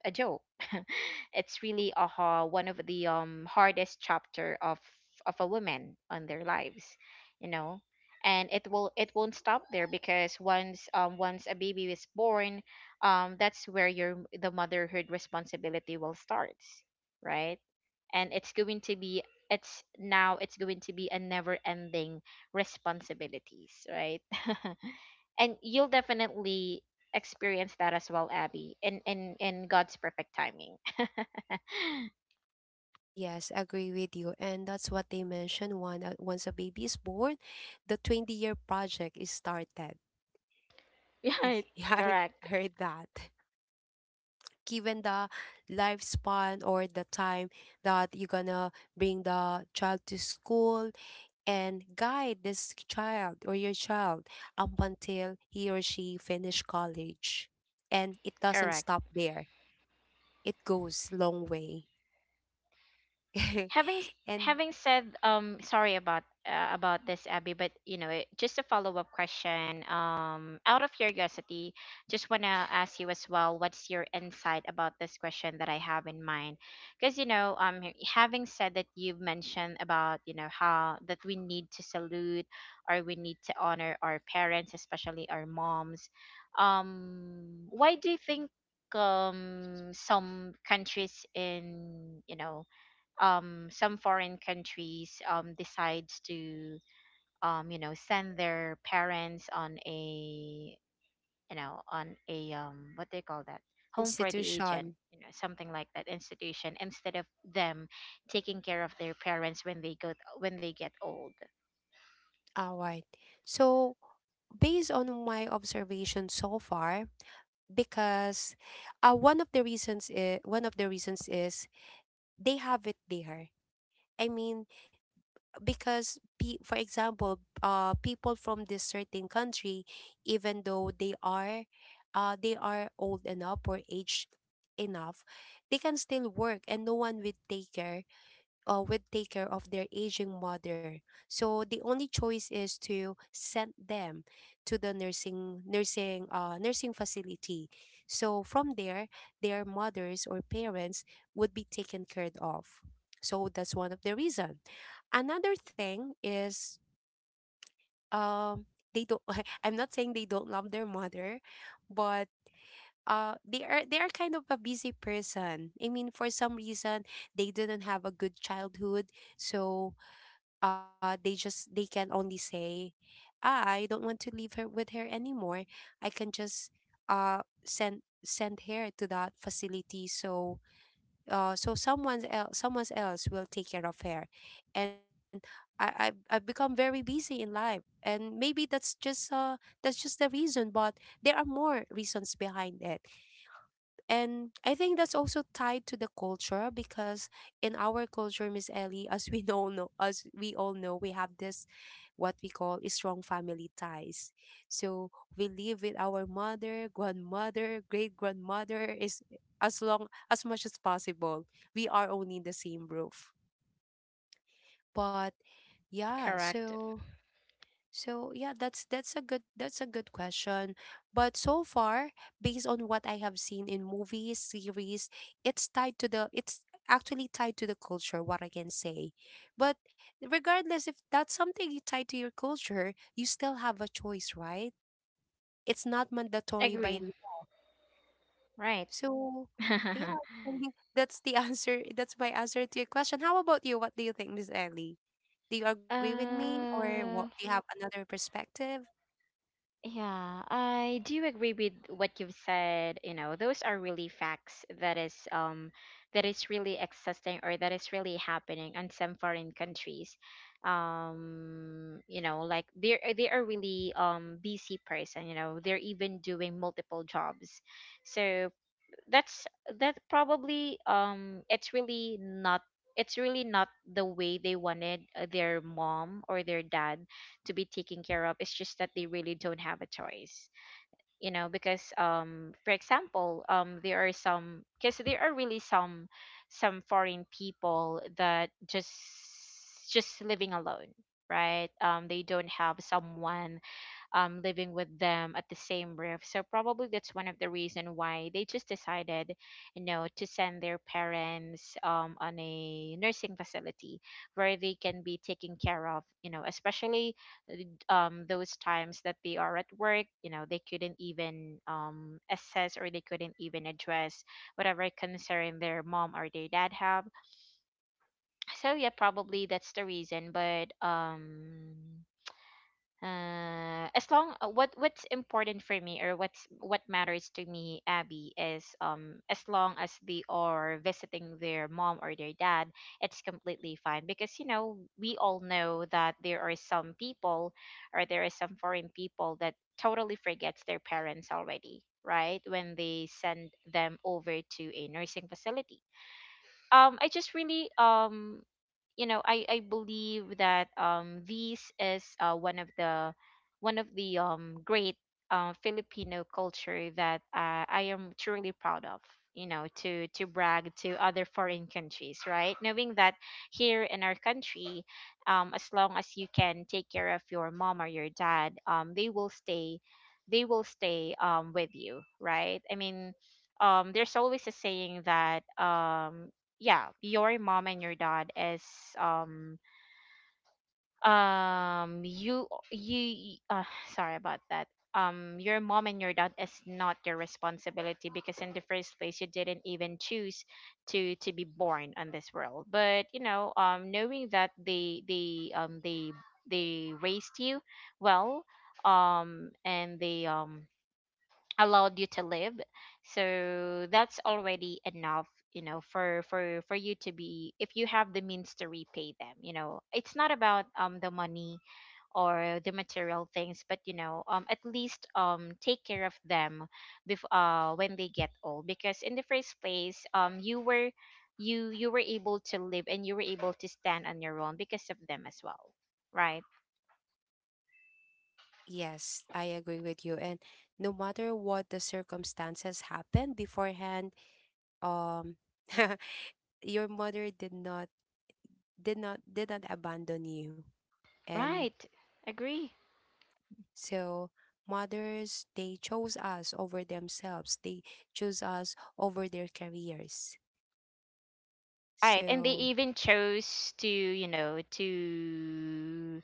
S2: a joke. <laughs> It's really one of the hardest chapter of a woman on their lives, you know. And it won't stop there because once a baby is born, that's where your the motherhood responsibility will start, right? And it's going to be a never ending responsibilities, right? <laughs> And you'll definitely experience that as well, Abby, in God's perfect timing. <laughs>
S1: Yes, agree with you. And that's what they mentioned one once a baby is born, the 20-year project is started. I,
S2: Right.
S1: <laughs> yeah, I
S2: Correct.
S1: heard that. Given the lifespan or the time that you're gonna bring the child to school and guide this child or your child up until he or she finish college. And it doesn't
S2: Correct.
S1: stop there. It goes long way. <laughs>
S2: having s-
S1: And
S2: Having said, sorry about this, Abby, but you know, just a follow-up question, out of curiosity, just want to ask you as well what's your insight about this question that I have in mind. Because you know, having said that you've mentioned about, you know, how that we need to salute or we need to honor our parents, especially our moms. Why do you think some countries in, you know, some foreign countries decides to, you know, send their parents on a, you know, on a, what they call that, home for the agent,
S1: institution.
S2: you know, something like that, institution, instead of them taking care of their parents when they go, when they get old.
S1: All right. So based on my observation so far because one of the reasons is they have it there, I mean, because pe- for example, people from this certain country even though they are, they are old enough or aged enough, they can still work and no one will take care, would take care of their aging mother. So the only choice is to send them to the nursing facility. So from there, their mothers or parents would be taken care of. So that's one of the reason. Another thing is um they don't <laughs> I'm not saying they don't love their mother, but they are kind of a busy person. I mean for some reason they didn't have a good childhood, so they just they can only say "Ah, I don't want to leave her with her anymore, I can just send her to that facility, so so someone else will take care of her and I've become very busy in life and maybe that's just the reason but there are more reasons behind it and I think that's also tied to the culture because in our culture, Miss Ellie, <laughs> as we know, as we all know, we have this what we call a strong family ties. So we live with our mother, grandmother, great grandmother is as long as much as possible. We are only in the same roof. But yeah,
S2: Correct.
S1: so so yeah, that's a good that's a good question. But so far, based on what I have seen in movies, series, it's tied to the it's actually tied to the culture, what I can say. But regardless if that's something you tied to your culture, you still have a choice, right? It's not mandatory by
S2: Agree.
S1: law.
S2: Right.
S1: So
S2: <laughs>
S1: yeah, <laughs> I think that's the <laughs> answer. That's my answer to your question. How about you? What do you think, Miss Ellie? Do you agree with me or what do
S2: uh
S1: you have another perspective?
S2: Yeah, I do agree with what you've said. You know, those are really facts that is really existing or that is really happening in some foreign countries. You know, like they are really busy person, you know, they're even doing multiple jobs. So that's that probably it's really not the way they wanted, their mom or their dad to be taken care of. It's just that they really don't have a choice, you know. Because for example, there are some, because there are really some foreign people that just living alone, right? Um, they don't have someone, living with them at the same roof. So probably that's one of the reason why they just decided, you know, to send their parents, on a nursing facility where they can be taken care of. You know, especially those times that they are at work. You know, they couldn't even, assess, or they couldn't even address whatever concern their mom or their dad have. So yeah, probably that's the reason. But as long, what, what's important for me, or what's what matters to me, Abby, is as long as they are visiting their mom or their dad, it's completely fine. Because you know, we all know that there are some people, or there are some foreign people that totally forgets their parents already, right, when they send them over to a nursing facility. Um, I just really you know, I believe that this is, uh, one of the great, Filipino culture that, I am truly proud of, you know, to brag to other foreign countries, right, knowing that here in our country, as long as you can take care of your mom or your dad, they will stay, they will stay with you, right? I mean, there's always a saying that, yeah, your mom and your dad is, um you you <sighs> sorry about that. Um, your mom and your dad is not your responsibility, because in the first place you didn't even choose to be born on this world. But you know, knowing that they raised you well, and they, allowed you to live, so that's already enough, you know, for you to be, if you have the means to repay them. You know, it's not about, the money or the material things, but you know, at least, take care of them, when they get old. Because in the first place, you were, you were able to live, and you were able to stand on your own because of them as well, right?
S1: Yes, I agree with you. And no matter what the circumstances happened beforehand, um, <laughs> your mother did not abandon you. And
S2: Right. Agree.
S1: so mothers they chose us over themselves. They chose us over their careers.
S2: Right, and they
S1: So
S2: even chose to, you know, to,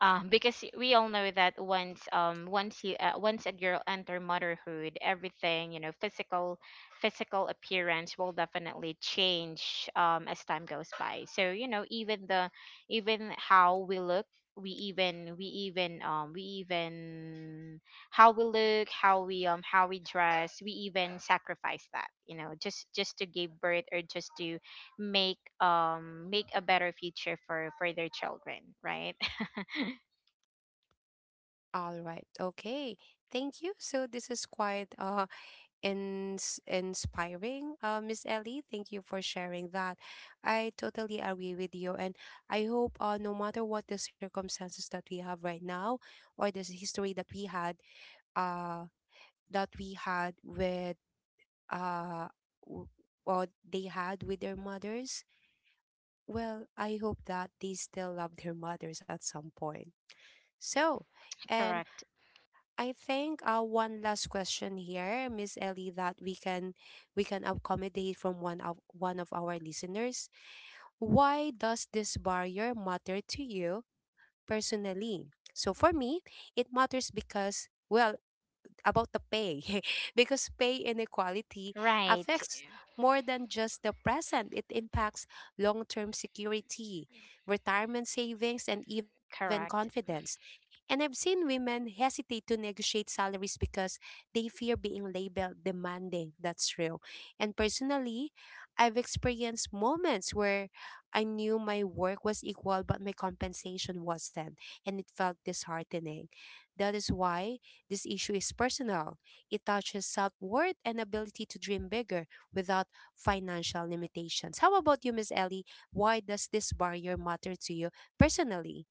S2: because we all know that once you once a girl enter motherhood, everything, you know, physical, physical appearance will definitely change as time goes by. So, you know, even the, even how we look, we even we even we even how we look, how we, how we dress, we even sacrifice that, you know, just to give birth, or just to make, make a better future for their children, right?
S1: all right, okay. Thank you. So this is quite inspiring, Miss Ellie. Thank you for sharing that. I totally agree with you, and I hope no matter what the circumstances that we have right now, or this history uh, that we had with uh, w- or they had with their mothers. Well, I hope that they still love their mothers at some point. So,
S2: <laughs>
S1: and
S2: Correct.
S1: I think one last question here, Miss Ellie, that we can accommodate from one of our listeners. Why does this barrier matter to you personally? So for me, it matters because well, about the pay <laughs> because pay inequality
S2: Right.
S1: affects more than just the present. It impacts long-term security, retirement savings, and even
S2: Correct.
S1: confidence. And I've seen women hesitate to negotiate salaries because they fear being labeled demanding. That's true. And personally, I've experienced moments where I knew my work was equal, but my compensation wasn't. And it felt disheartening. That is why this issue is personal. It touches self worth and ability to dream bigger without financial limitations. How about you, Miss Ellie? Why does this barrier matter to you personally?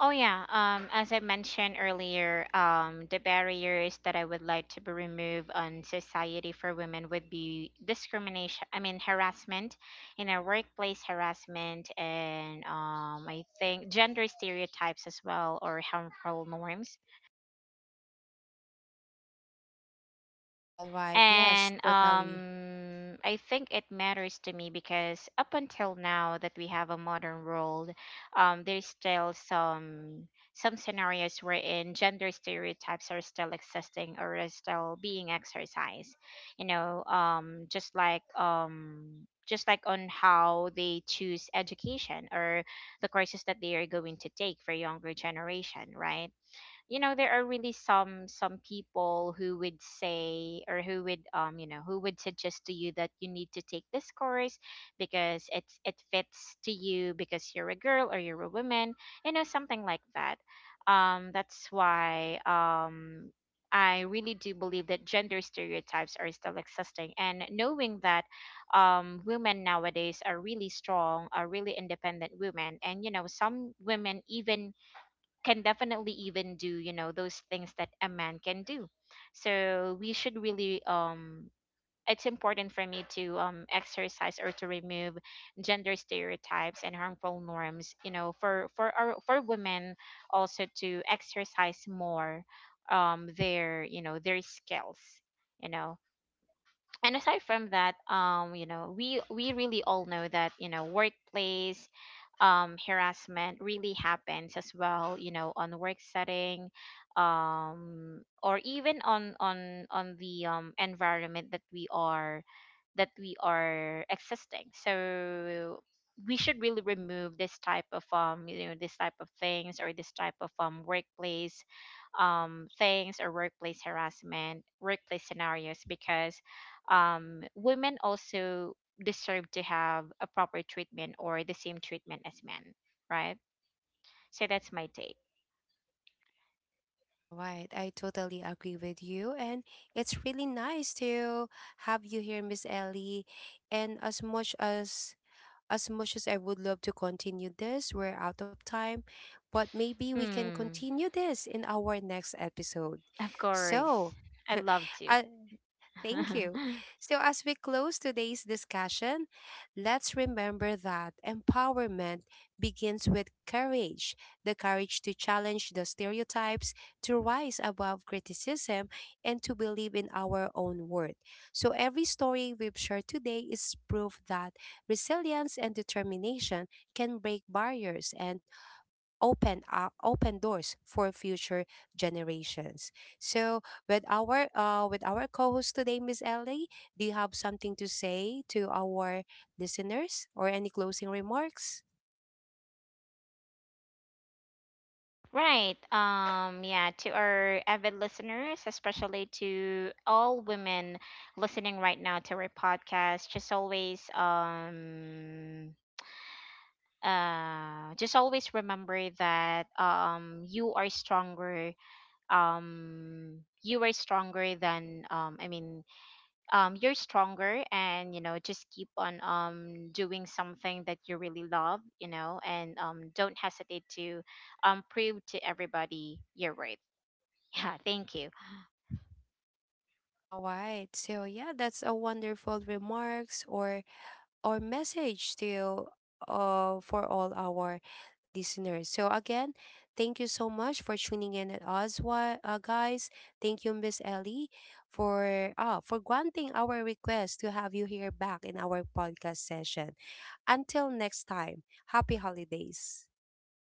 S2: Oh yeah, as I mentioned earlier, the barriers that I would like to be removed on society for women would be discrimination, I mean harassment, in our workplace, harassment, and I think gender stereotypes as well, or harmful norms.
S1: All right. Yes,
S2: And
S1: totally.
S2: I think it matters to me because up until now that we have a modern world, there's still some scenarios wherein gender stereotypes are still existing or are still being exercised. You know, just like, just like on how they choose education or the courses that they are going to take for younger generation, right? You know, there are really some people who would say, or who would, you know, who would suggest to you that you need to take this course because it fits to you because you're a girl, or you're a woman. You know, something like that. Um, that's why, I really do believe that gender stereotypes are still existing, and knowing that, women nowadays are really strong, are really independent women, and you know, some women even can definitely even do, you know, those things that a man can do. So we should really, it's important for me to, exercise or to remove gender stereotypes and harmful norms, you know, for women, also, to exercise more, their, you know, their skills, you know. And aside from that, you know, we really all know that, you know, workplace, harassment really happens as well, you know, on work setting, or even on the, environment that we are, that we are existing. So we should really remove this type of, you know, this type of things, or this type of, workplace, things, or workplace harassment, workplace scenarios. Because women also deserve to have a proper treatment or the same treatment as men, right? So that's my take.
S1: All right. I totally agree with you. And it's really nice to have you here, Miss Ellie. And as much as I would love to continue this, we're out of time, but maybe we can
S2: Hmm.
S1: continue this in our next episode.
S2: Of
S1: So,
S2: course. I'd love to.
S1: uh, thank you.
S2: <laughs>
S1: So, as we close today's discussion, let's remember that empowerment begins with courage, the courage to challenge the stereotypes, to rise above criticism, and to believe in our own worth. So, every story we've shared today is proof that resilience and determination can break barriers and open doors for future generations. So with our co-host today, Miss Ellie, do you have something to say to our listeners or any closing remarks?
S2: Right. Um, yeah, to our avid listeners, especially to all women listening right now to our podcast, just always, just always remember that, you are stronger. You are stronger than, you're stronger, and you know, just keep on, doing something that you really love, you know, and, don't hesitate to, prove to everybody your worth. <laughs> Yeah, thank you.
S1: All right. So yeah, that's a wonderful remarks or message to for all our listeners. So again, thank you so much for tuning in at us, wa- guys. Thank you, Miss Ellie, for granting our request to have you here back in our podcast session. Until next time, happy holidays.